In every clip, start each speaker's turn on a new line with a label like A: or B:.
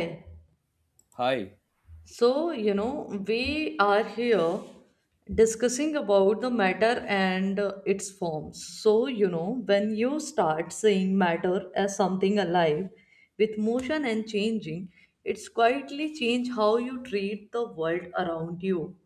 A: So,
B: Hi,
A: you know, we are here discussing about the matter and its forms. So, you know, when you start seeing matter as something alive with motion and changing, it's quietly change how you treat the world around you,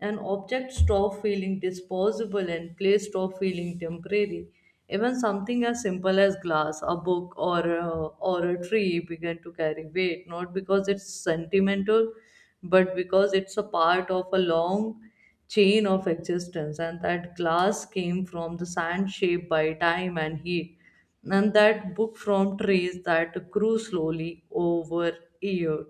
A: and objects stop feeling disposable and place stop feeling temporary. Even something as simple as glass, a book, or a tree began to carry weight, not because it's sentimental, but because it's a part of a long chain of existence, and that glass came from the sand shaped by time and heat, and that book from trees that grew slowly over years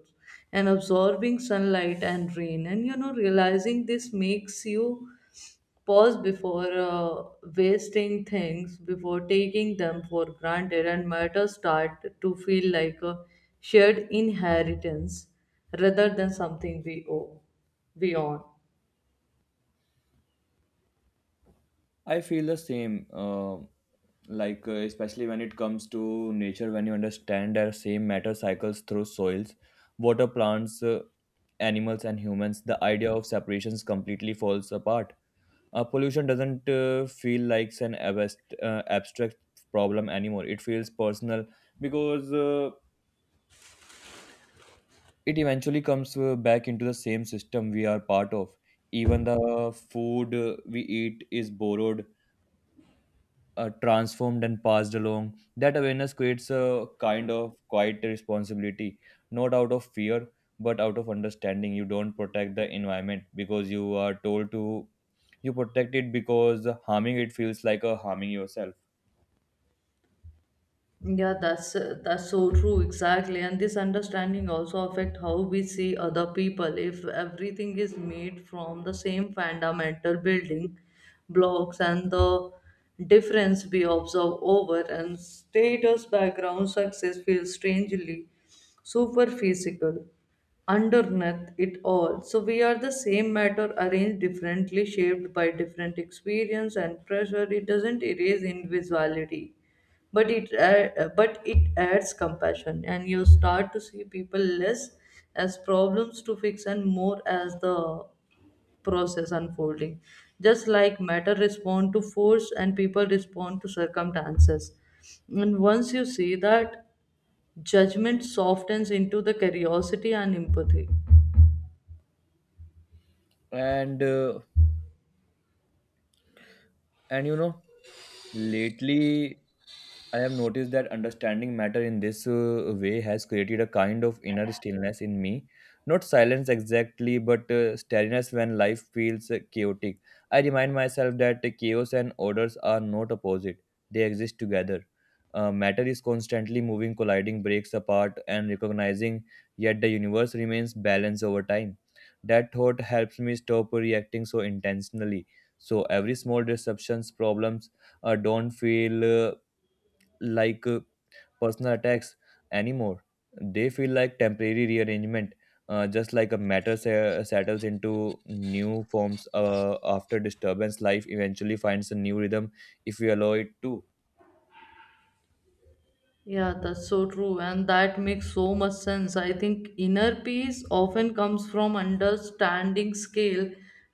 A: and absorbing sunlight and rain. And you know, realizing this makes you pause before wasting things, before taking them for granted, and matters start to feel like a shared inheritance rather than something we own.
B: I feel the same. Especially when it comes to nature, when you understand their same matter cycles through soils, water, plants, animals, and humans, the idea of separations completely falls apart. Pollution doesn't feel like an abstract problem anymore. It feels personal because it eventually comes back into the same system we are part of. Even the food we eat is borrowed, transformed and passed along. That awareness creates a kind of quiet responsibility, not out of fear, but out of understanding. You don't protect the environment because you are told to, you protect it because harming it feels like a harming yourself.
A: Yeah, that's so true, exactly. And this understanding also affect how we see other people. If everything is made from the same fundamental building blocks, and the difference we observe over and status, background, success feels strangely superphysical underneath it all. So we are the same matter arranged differently, shaped by different experience and pressure. It doesn't erase individuality, but it adds compassion, and you start to see people less as problems to fix and more as the process unfolding, just like matter respond to force and people respond to circumstances, and once you see that, judgment softens into the curiosity and empathy.
B: And, uh, and you know, Lately, I have noticed that understanding matter in this way has created a kind of inner stillness in me. Not silence exactly, but steadiness when life feels chaotic. I remind myself that chaos and orders are not opposite, they exist together. Matter is constantly moving, colliding, breaks apart, and recognizing, yet the universe remains balanced over time. That thought helps me stop reacting so intentionally. So, every small disruptions, problems, don't feel like uh, personal attacks anymore. They feel like temporary rearrangement, just like a settles into new forms after disturbance. Life eventually finds a new rhythm if we allow it to.
A: Yeah, that's so true, and that makes so much sense. I think inner peace often comes from understanding scale,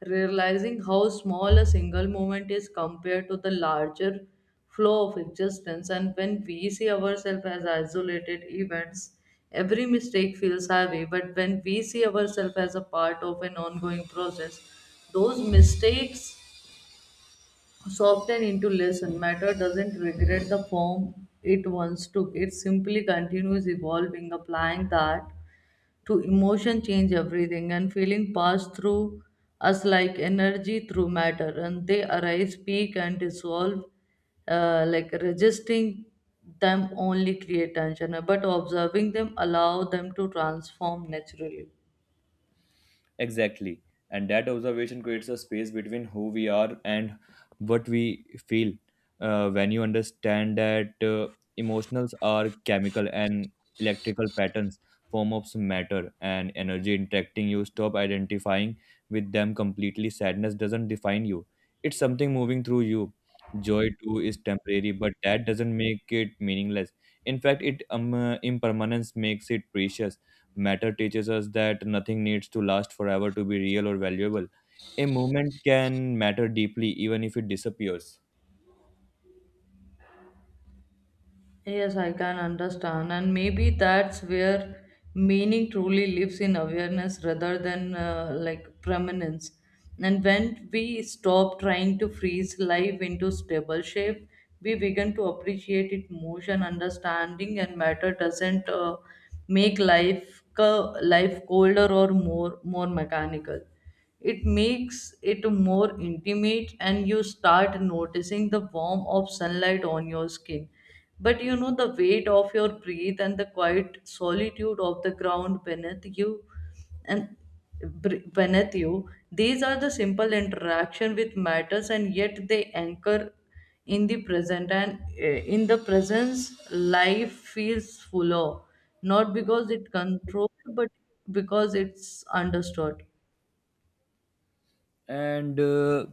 A: realizing how small a single moment is compared to the larger flow of existence. And when we see ourselves as isolated events, every mistake feels heavy. But when we see ourselves as a part of an ongoing process, those mistakes soften into lesson. Matter doesn't regret the form it once took. It simply continues evolving, applying that to emotion change everything, and feeling pass through us like energy through matter, and they arise, peak and dissolve, like resisting them only create tension, but observing them allow them to transform naturally.
B: Exactly. And that observation creates a space between who we are and what we feel. When you understand that emotions are chemical and electrical patterns, form of matter and energy interacting, you stop identifying with them completely. Sadness doesn't define you, it's something moving through you. Joy too is temporary, but that doesn't make it meaningless. In fact, it impermanence makes it precious. Matter teaches us that nothing needs to last forever to be real or valuable. A moment can matter deeply even if it disappears.
A: Yes, I can understand. And maybe that's where meaning truly lives, in awareness rather than like prominence. And when we stop trying to freeze life into stable shape, we begin to appreciate it motion, understanding, and matter doesn't life colder or more mechanical, it makes it more intimate. And you start noticing the warmth of sunlight on your skin, but you know, the weight of your breath and the quiet solitude of the ground beneath you and beneath you, these are the simple interaction with matters, and yet they anchor in the present, and in the presence life feels fuller, not because it controlled but because it's understood.
B: And uh,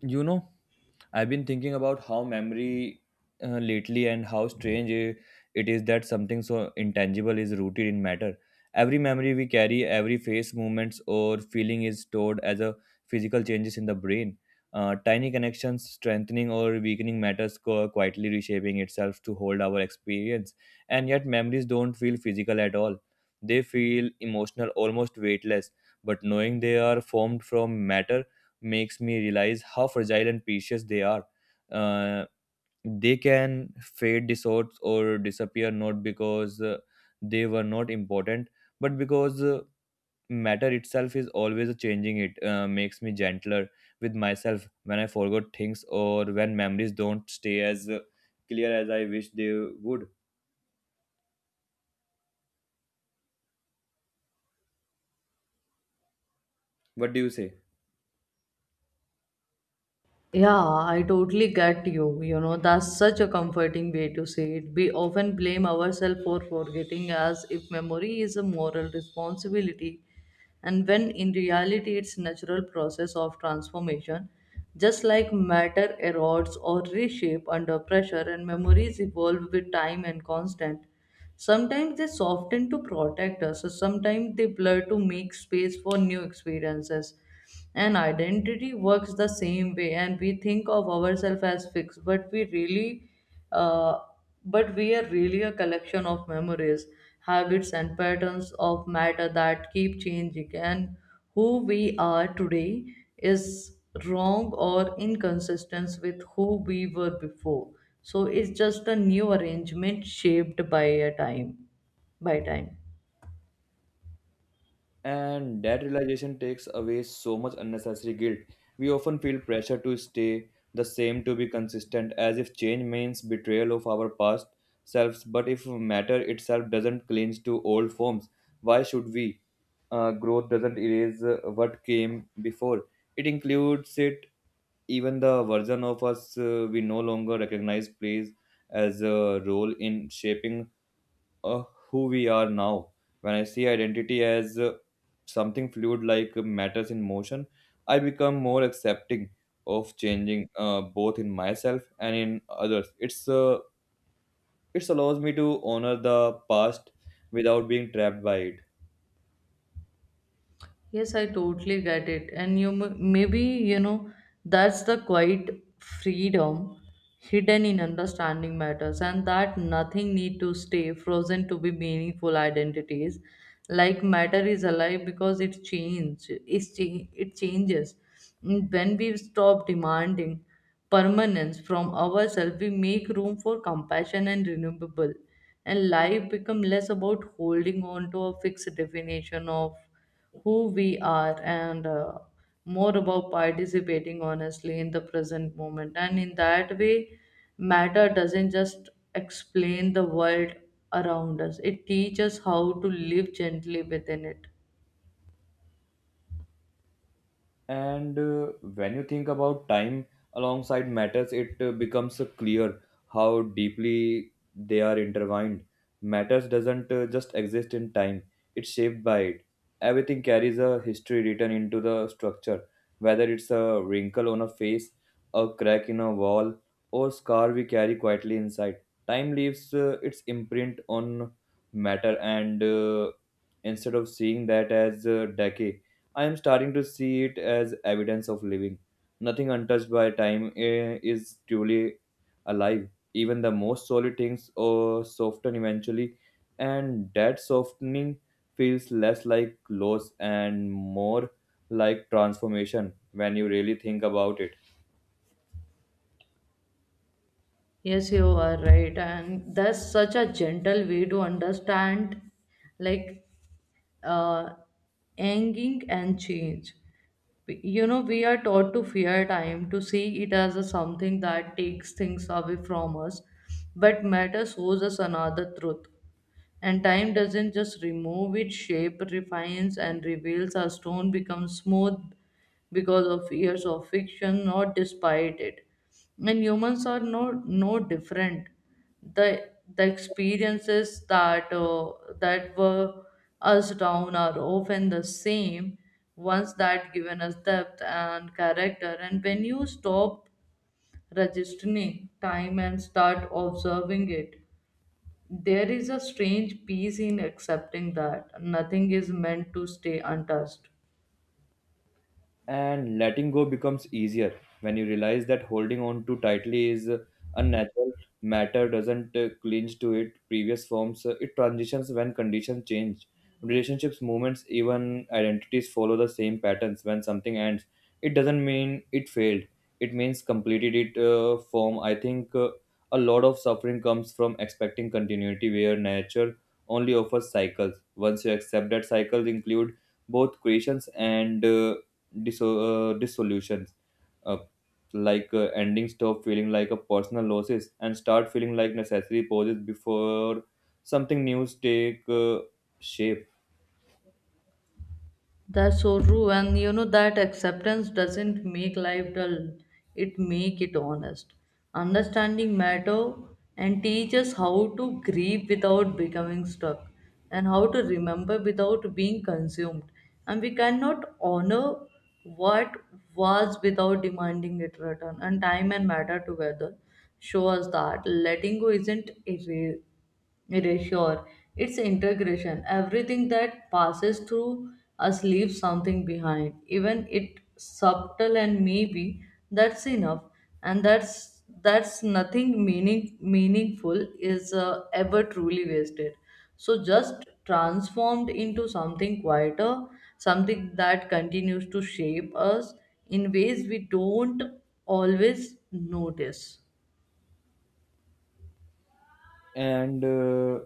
B: you know, I've been thinking about how memory lately and how strange it is that something so intangible is rooted in matter. Every memory we carry, every face, movements, or feeling is stored as a physical changes in the brain. Tiny connections strengthening or weakening matters quietly reshaping itself to hold our experience. And yet, memories don't feel physical at all. They feel emotional, almost weightless. But knowing they are formed from matter makes me realize how fragile and precious they are. Uh, they can fade, dissort, or disappear not because they were not important, but because matter itself is always changing. It makes me gentler with myself when I forgot things or when memories don't stay as clear as I wish they would. What do you say?
A: Yeah, I totally get you. You know, that's such a comforting way to say it. We often blame ourselves for forgetting as if memory is a moral responsibility, and when in reality it's natural process of transformation. Just like matter erodes or reshape under pressure, and memories evolve with time and constant. Sometimes they soften to protect us, so sometimes they blur to make space for new experiences. And identity works the same way, and we think of ourselves as fixed, uh, but we are really a collection of memories, habits, and patterns of matter that keep changing. And who we are today is wrong or inconsistent with who we were before. So it's just a new arrangement shaped by a time, by time.
B: And that realization takes away so much unnecessary guilt. We often feel pressure to stay the same, to be consistent, as if change means betrayal of our past selves. But if matter itself doesn't cling to old forms, why should we? Growth doesn't erase what came before, it includes it. Even the version of us we no longer recognize plays as a role in shaping uh, who we are now. When I see identity as something fluid like matters in motion, I become more accepting of changing both in myself and in others. It allows me to honor the past without being trapped by it.
A: Yes, I totally get it. And you maybe, you know, that's the quiet freedom hidden in understanding matters, and that nothing need to stay frozen to be meaningful identities. Like matter is alive because it changes. When we stop demanding permanence from ourselves, we make room for compassion and renewable. And life become less about holding on to a fixed definition of who we are, and more about participating honestly in the present moment. And in that way, matter doesn't just explain the world around us, it teaches how to live gently within it.
B: And When you think about time alongside matters, it becomes clear how deeply they are intertwined. Matters doesn't just exist in time, it's shaped by it. Everything carries a history written into the structure, whether it's a wrinkle on a face, a crack in a wall, or scar we carry quietly inside. Time leaves its imprint on matter, and instead of seeing that as decay, I am starting to see it as evidence of living. Nothing untouched by time is truly alive. Even the most solid things soften eventually, and that softening feels less like loss and more like transformation when you really think about it.
A: Yes, you are right. And that's such a gentle way to understand, like, uh, aging and change. You know, we are taught to fear time, to see it as a something that takes things away from us, but matter shows us another truth. And time doesn't just remove its shape, refines and reveals our stone becomes smooth because of years of friction, not despite it. And humans are no different. The the experiences that that were us down are often the same once that given us depth and character. And when you stop registering time and start observing it, there is a strange peace in accepting that nothing is meant to stay untouched.
B: And letting go becomes easier when you realize that holding on too tightly is unnatural. Matter doesn't clinch to its previous forms, it transitions when conditions change. Relationships, movements, even identities follow the same patterns. When something ends, it doesn't mean it failed, it means completed it form. I think a lot of suffering comes from expecting continuity where nature only offers cycles. Once you accept that cycles include both creations and, disso- uh, dissolutions, uh, ending stop feeling like a personal losses and start feeling like necessary pauses before something new take shape.
A: That's so true, and you know that acceptance doesn't make life dull; it make it honest. Understanding matter and teach us how to grieve without becoming stuck, and how to remember without being consumed. And we cannot honor what was without demanding it return. And time and matter together show us that letting go isn't erasure. It is sure. It's integration. Everything that passes through us leaves something behind. Even it subtle, and maybe that's enough. And that's nothing meaningful is ever truly wasted. So just transformed into something quieter, something that continues to shape us in ways we don't always notice.
B: And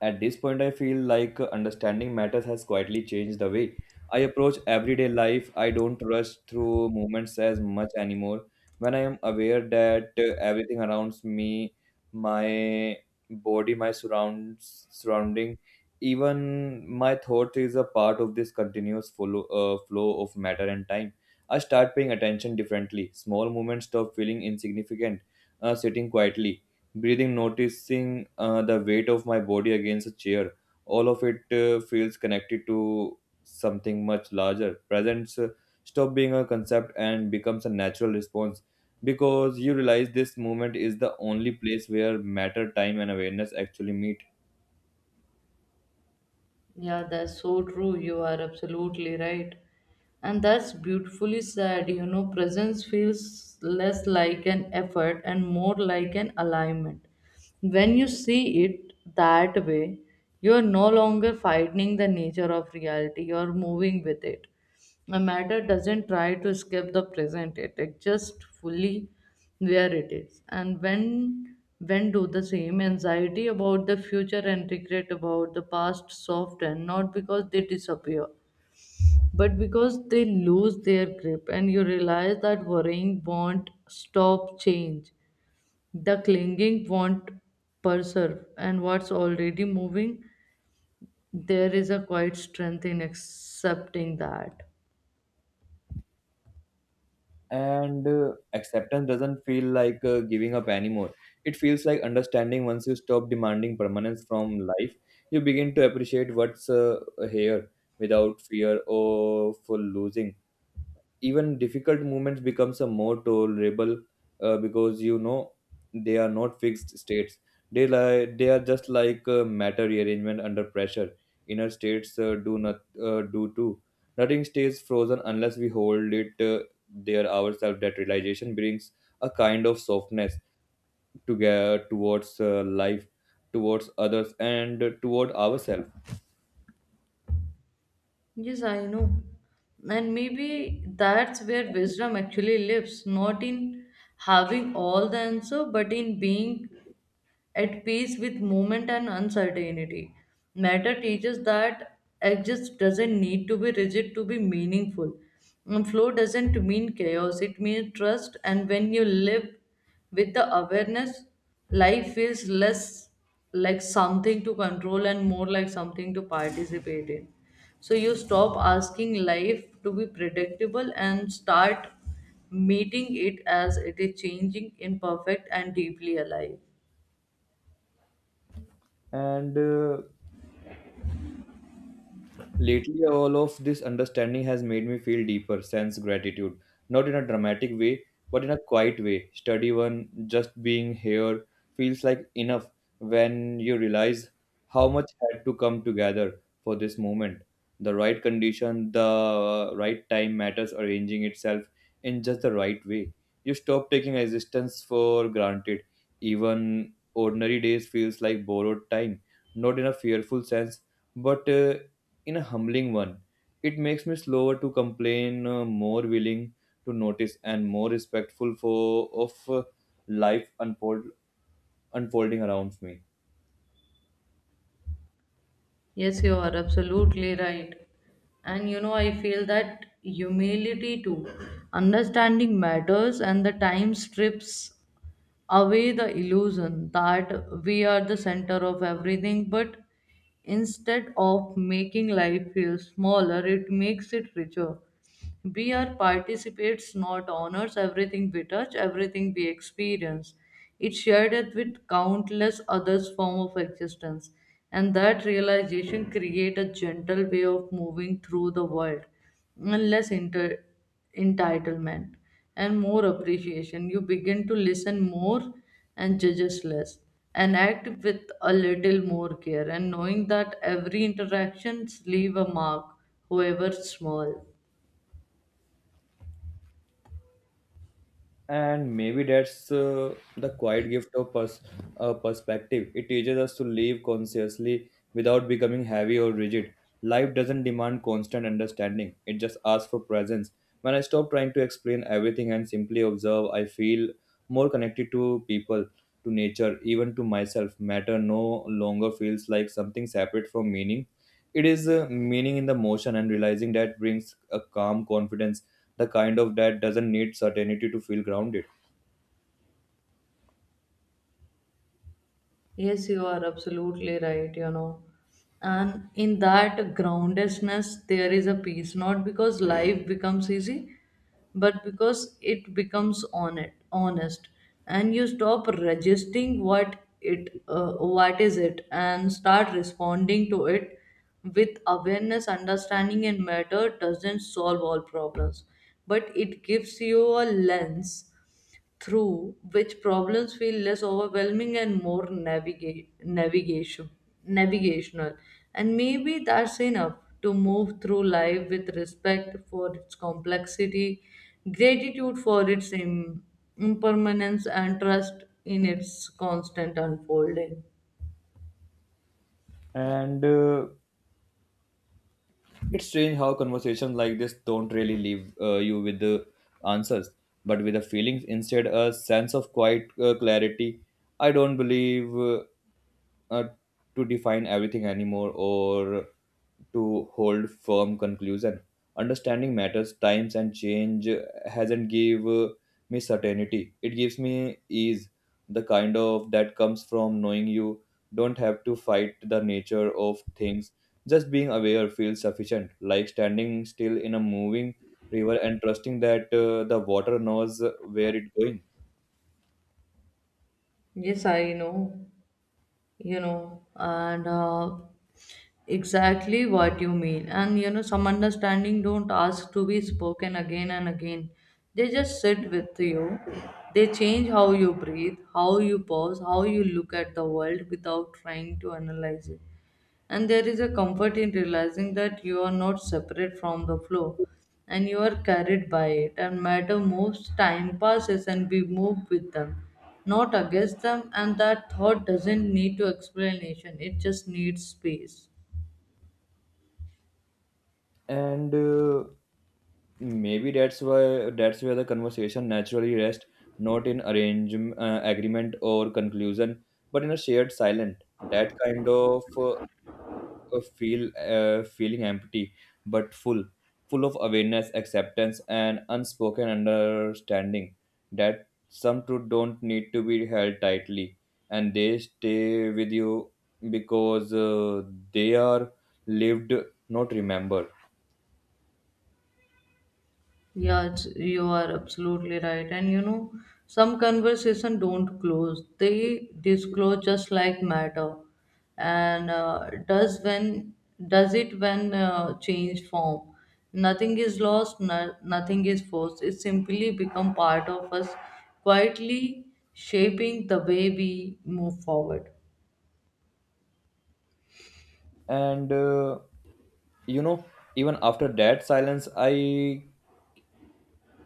B: At this point, I feel like understanding matters has quietly changed the way I approach everyday life. I don't rush through moments as much anymore. When I am aware that everything around me, my body, surrounding, even my thought is a part of this continuous flow of matter and time. I start paying attention differently. Small moments stop feeling insignificant. Sitting quietly breathing, noticing the weight of my body against a chair. All of it feels connected to something much larger. Presence stop being a concept and becomes a natural response because you realize this moment is the only place where matter, time, and awareness actually meet.
A: Yeah, that's so true. You are absolutely right. And that's beautifully said. You know, presence feels less like an effort and more like an alignment. When you see it that way, you are no longer fighting the nature of reality, you are moving with it. A matter doesn't try to escape the present, it exists fully where it is. And when do the same, anxiety about the future and regret about the past soften, not because they disappear, but because they lose their grip, and you realize that worrying won't stop change. The clinging won't preserve and what's already moving, there is a quiet strength in accepting that.
B: And Acceptance doesn't feel like giving up anymore, it feels like understanding. Once you stop demanding permanence from life, you begin to appreciate what's here without fear of losing. Even difficult movements becomes a more tolerable because you know they are not fixed states. They are just like matter rearrangement under pressure. Inner states do not do too nothing stays frozen unless we hold it there ourselves. That realization brings a kind of softness together towards life, towards others and toward ourselves.
A: Yes, I know. And maybe that's where wisdom actually lives, not in having all the answer, but in being at peace with movement and uncertainty. Matter teaches that exist doesn't need to be rigid to be meaningful. And flow doesn't mean chaos, it means trust, and when you live with the awareness, life feels less like something to control and more like something to participate in. So you stop asking life to be predictable and start meeting it as it is, changing, imperfect, and deeply alive.
B: And Lately, all of this understanding has made me feel deeper sense gratitude, not in a dramatic way, but in a quiet way. Study one, just being here feels like enough when you realize how much had to come together for this moment. The right condition, the right time, matters arranging itself in just the right way. You stop taking existence for granted. Even ordinary days feels like borrowed time, not in a fearful sense, but in a humbling one. It makes me slower to complain, more willing to notice, and more respectful for of life unfold, unfolding around me.
A: Yes, you are absolutely right. And you know, I feel that humility too. Understanding matters, and the time strips away the illusion that we are the center of everything, but instead of making life feel smaller, it makes it richer. We are participates, not owners. Everything we touch, everything we experience, it shared it with countless others form of existence, and that realization create a gentle way of moving through the world, and less entitlement and more appreciation. You begin to listen more and judge less and act with a little more care, and knowing that every interactions leave a mark, however small.
B: And maybe that's the quiet gift of perspective. It teaches us to live consciously without becoming heavy or rigid. Life doesn't demand constant understanding, it just asks for presence. When I stop trying to explain everything and simply observe, I feel more connected to people, to nature, even to myself. Matter no longer feels like something separate from meaning, it is meaning in the motion, and realizing that brings a calm confidence, the kind of that doesn't need certainty to feel grounded.
A: Yes, you are absolutely right, you know. And in that groundedness, there is a peace, not because life becomes easy, but because it becomes honest, and you stop resisting what it, what is it, and start responding to it with awareness, understanding, and matter doesn't solve all problems, but it gives you a lens through which problems feel less overwhelming and more navigational. And maybe that's enough to move through life with respect for its complexity, gratitude for its impermanence, and trust in its constant unfolding.
B: And It's strange how conversations like this don't really leave you with the answers, but with the feelings instead, a sense of quiet clarity. I don't believe. Uh, to define everything anymore or to hold firm conclusion. Understanding matters, times and change hasn't give me certainty. It gives me ease, the kind of that comes from knowing you don't have to fight the nature of things. Just being aware feels sufficient, like standing still in a moving river and trusting that the water knows where it's going.
A: Yes, I know. You know, and exactly what you mean. And you know, some understanding don't ask to be spoken again and again, they just sit with you, they change how you breathe, how you pause, how you look at the world without trying to analyze it. And there is a comfort in realizing that you are not separate from the flow, and you are carried by it. And matter moves, time passes, and we move with them, not against them. And that thought doesn't need to explanation, it just needs space.
B: And Maybe that's why that's where the conversation naturally rests, not in agreement or conclusion, but in a shared silent. That kind of feeling empty, but full, full of awareness, acceptance, and unspoken understanding that some truth don't need to be held tightly, and they stay with you because they are lived, not remembered.
A: Yeah, you are absolutely right. And you know, some conversation don't close; they disclose, just like matter. And does when does it when change form? Nothing is lost. No, nothing is forced. It simply become part of us, quietly shaping the way we move forward.
B: And you know Even after that silence, i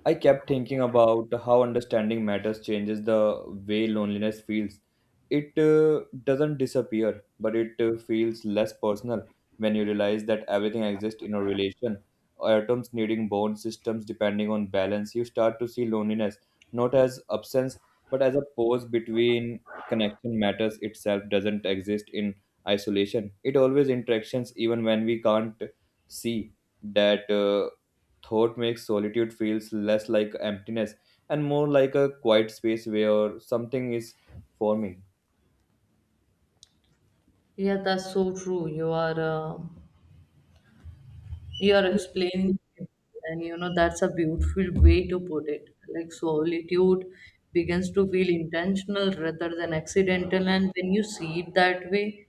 B: I kept thinking about how understanding matters changes the way loneliness feels. It doesn't disappear, but it feels less personal when you realize that everything exists in a relation. Atoms needing bond systems depending on balance. You start to see loneliness not as absence, but as a pause between connection. Matters itself doesn't exist in isolation. It always interactions even when we can't see that. Thought makes solitude feels less like emptiness and more like a quiet space where something is forming.
A: Yeah, that's so true. You are. You are explaining it, and you know that's a beautiful way to put it, like solitude begins to feel intentional rather than accidental. And when you see it that way,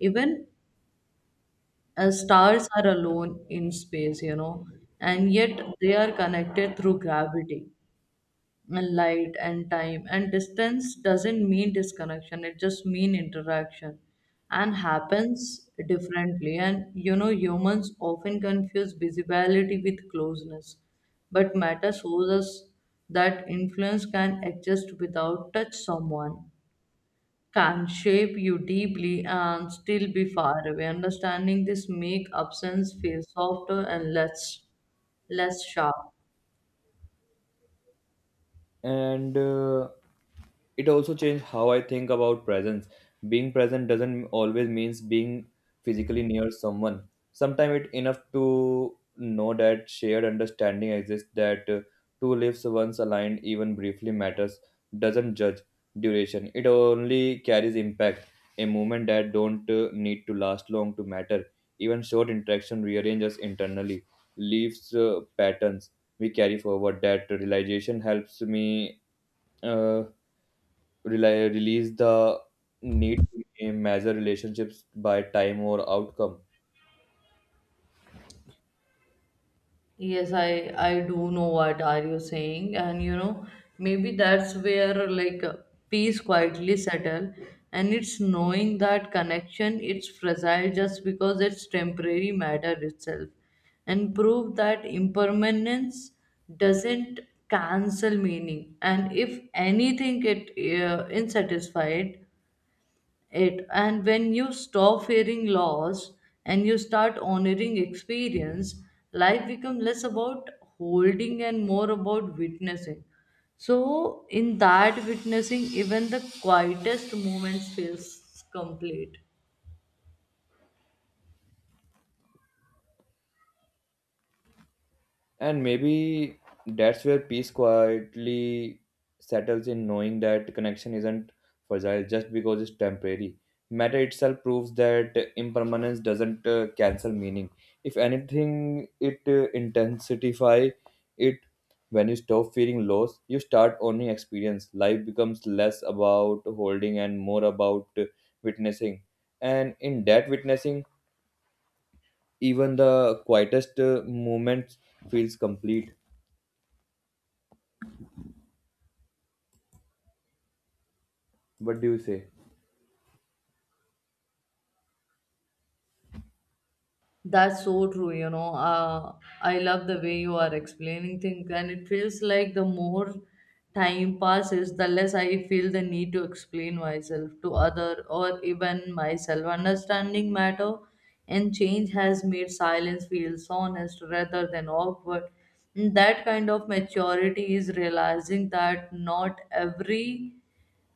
A: even as stars are alone in space, you know, and yet they are connected through gravity and light and time, and distance doesn't mean disconnection, it just mean interaction and happens differently. And you know, humans often confuse visibility with closeness, but matter shows us that influence can exist without touch. Someone can shape you deeply and still be far away. Understanding this make absence feel softer and less sharp.
B: And It also changed how I think about presence. Being present doesn't always means being physically near someone. Sometimes it's enough to know that shared understanding exists, that two lives once aligned even briefly matters. Doesn't judge duration, it only carries impact. A moment that don't need to last long to matter. Even short interaction rearranges internally, leaves patterns we carry forward. That realization helps me uh, rely, release the need to measure relationships by time or outcome.
A: Yes, I do know what are you saying, and you know, maybe that's where, like, peace quietly settle, and it's knowing that connection it's fragile just because it's temporary matter itself, and prove that impermanence doesn't cancel meaning, and if anything it insatisfied it. And when you stop fearing loss and you start honoring experience, life becomes less about holding and more about witnessing. So in that witnessing, even the quietest moments feels complete.
B: And maybe that's where peace quietly settles in, knowing that connection isn't fragile just because it's temporary. Matter itself proves that impermanence doesn't cancel meaning. If anything, it intensify it. When you stop feeling loss, you start owning experience. Life becomes less about holding and more about witnessing. And in that witnessing, even the quietest moments feels complete. What do you say?
A: That's so true, you know. I love the way you are explaining things, and it feels like the more time passes, the less I feel the need to explain myself to other or even myself. Understanding matter and change has made silence feels honest rather than awkward. And that kind of maturity is realizing that not every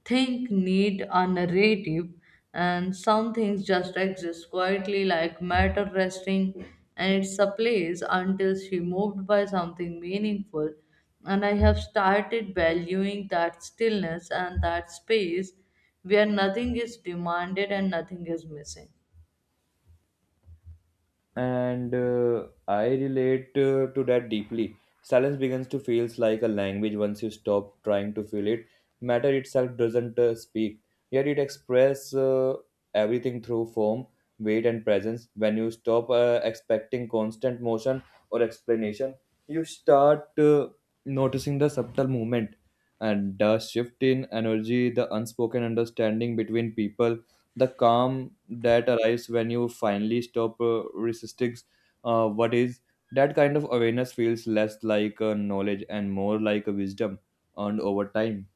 A: think need a narrative, and some things just exist quietly, like matter resting and its a place until she moved by something meaningful. And I have started valuing that stillness and that space where nothing is demanded and nothing is missing.
B: And I relate to that deeply. Silence begins to feels like a language once you stop trying to feel it. Matter itself doesn't speak, yet it expresses everything through form, weight, and presence. When you stop expecting constant motion or explanation, you start noticing the subtle movement and the shift in energy, the unspoken understanding between people, the calm that arrives when you finally stop resisting what is. That kind of awareness feels less like knowledge and more like a wisdom earned over time.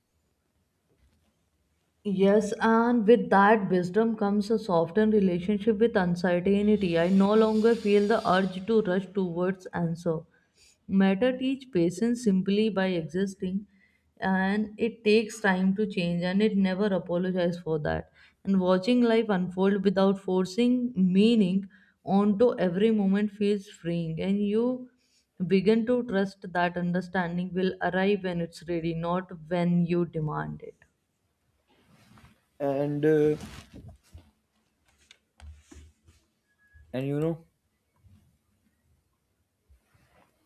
A: Yes, and with that wisdom comes a softened relationship with uncertainty. I no longer feel the urge to rush towards answer. Matter teach patience simply by existing, and it takes time to change, and it never apologizes for that. And watching life unfold without forcing meaning onto every moment feels freeing, and you begin to trust that understanding will arrive when it's ready, not when you demand it.
B: and uh, and you know,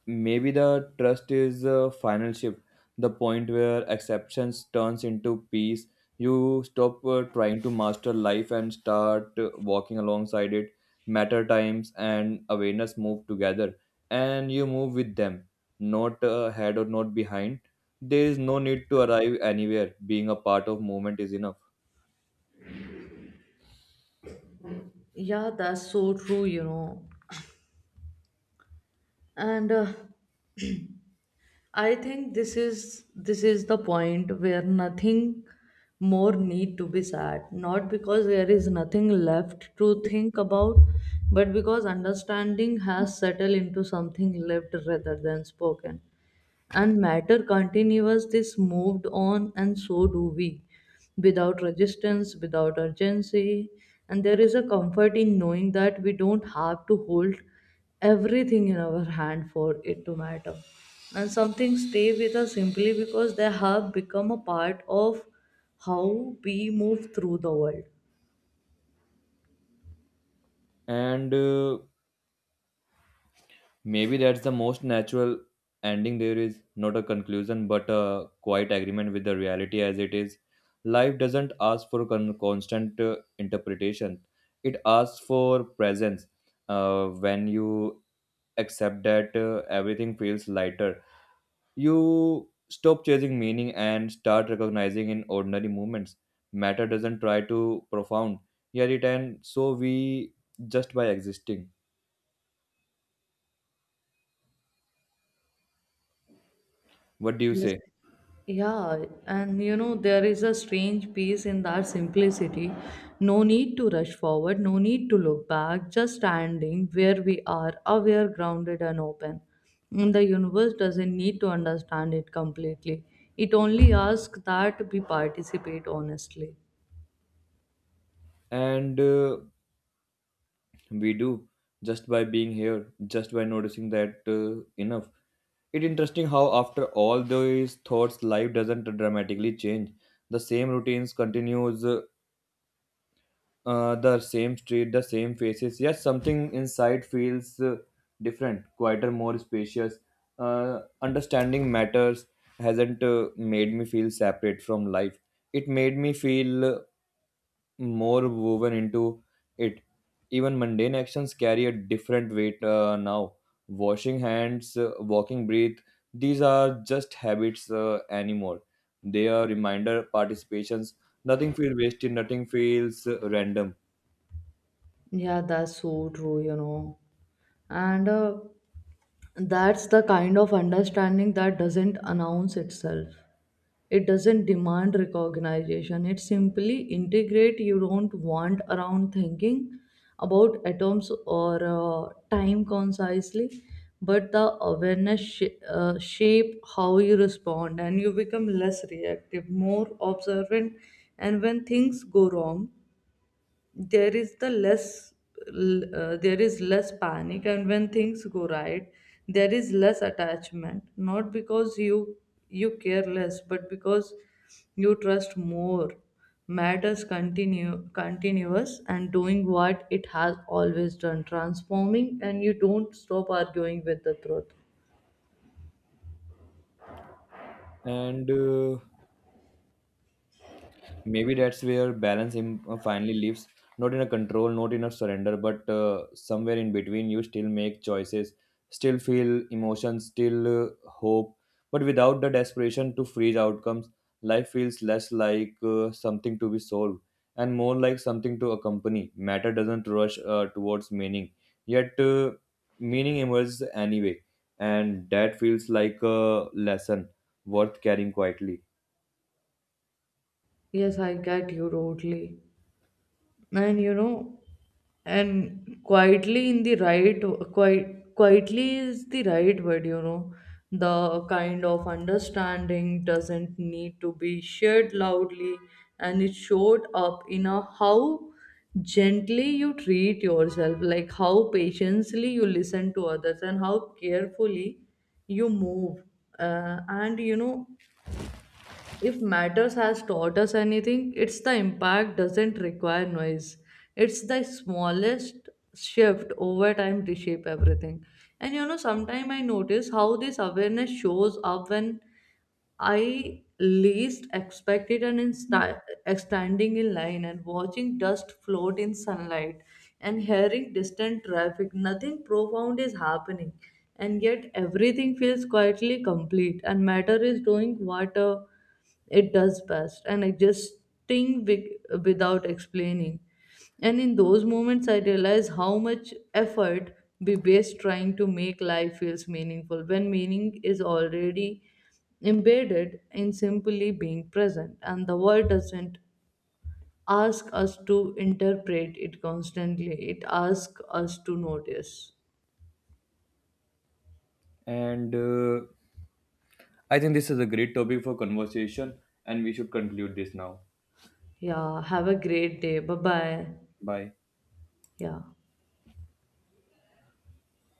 B: maybe the trust is a final shift, the point where acceptance turns into peace. You stop trying to master life and start walking alongside it. Matter times and awareness move together, and you move with them, not ahead or not behind. There is no need to arrive anywhere, being a part of movement is enough.
A: Yeah, that's so true, you know. And I think this is the point where nothing more need to be said, not because there is nothing left to think about, but because understanding has settled into something lived rather than spoken. And matter continues this, moved on, and so do we, without resistance, without urgency. And there is a comfort in knowing that we don't have to hold everything in our hand for it to matter, and some things stay with us simply because they have become a part of how we move through the world.
B: And Maybe that's the most natural ending there is, not a conclusion, but a quiet agreement with the reality as it is. Life doesn't ask for constant interpretation, it asks for presence. When you accept that, everything feels lighter. You stop chasing meaning and start recognizing in ordinary moments. Matter doesn't try to profound, yet it and so we, just by existing. What do you
A: Yes.
B: say?
A: Yeah, and you know, there is a strange peace in that simplicity. No need to rush forward, no need to look back, just standing where we are, aware, grounded, and open. And the universe doesn't need to understand it completely, it only asks that we participate honestly.
B: And We do, just by being here, just by noticing that, enough. It's interesting how after all these thoughts life doesn't dramatically change. The same routines continues, the same street, the same faces, yes, something inside feels different, quieter, more spacious. Understanding matters hasn't made me feel separate from life, it made me feel more woven into it. Even mundane actions carry a different weight now. Washing hands, walking, breathe, these are just habits anymore. They are reminder participations. Nothing feels wasted, nothing feels random.
A: Yeah, that's so true, you know. And that's the kind of understanding that doesn't announce itself. It doesn't demand recognition, it simply integrate. You don't want around thinking about atoms or time concisely, but the awareness shape how you respond, and you become less reactive, more observant. And when things go wrong, there is the less there is less panic. And when things go right, there is less attachment, not because you care less, but because you trust more. Matters continue continuous and doing what it has always done, transforming, and you don't stop arguing with the truth.
B: And Maybe that's where balance finally lives, not in a control, not in a surrender, but somewhere in between. You still make choices, still feel emotions, still hope, but without the desperation to freeze outcomes, life feels less like something to be solved and more like something to accompany. Matter doesn't rush towards meaning, yet meaning emerges anyway, and that feels like a lesson worth carrying quietly.
A: Yes, I get you totally. And you know, and quietly in the right, quite quietly is the right word, you know. The kind of understanding doesn't need to be shared loudly, and it showed up in a how gently you treat yourself, like how patiently you listen to others and how carefully you move. And you know, if matters has taught us anything, it's the impact doesn't require noise. It's the smallest shift over time reshape everything. And you know, sometimes I notice how this awareness shows up when I least expected, an in standing in line and watching dust float in sunlight and hearing distant traffic. Nothing profound is happening, and yet everything feels quietly complete. And matter is doing what it does best, and adjusting without explaining. And in those moments, I realize how much effort we waste trying to make life feels meaningful when meaning is already embedded in simply being present. And the world doesn't ask us to interpret it constantly, it asks us to notice.
B: And I think this is a great topic for conversation and we should conclude this now.
A: Yeah, have a great day, bye bye.
B: Bye.
A: Yeah.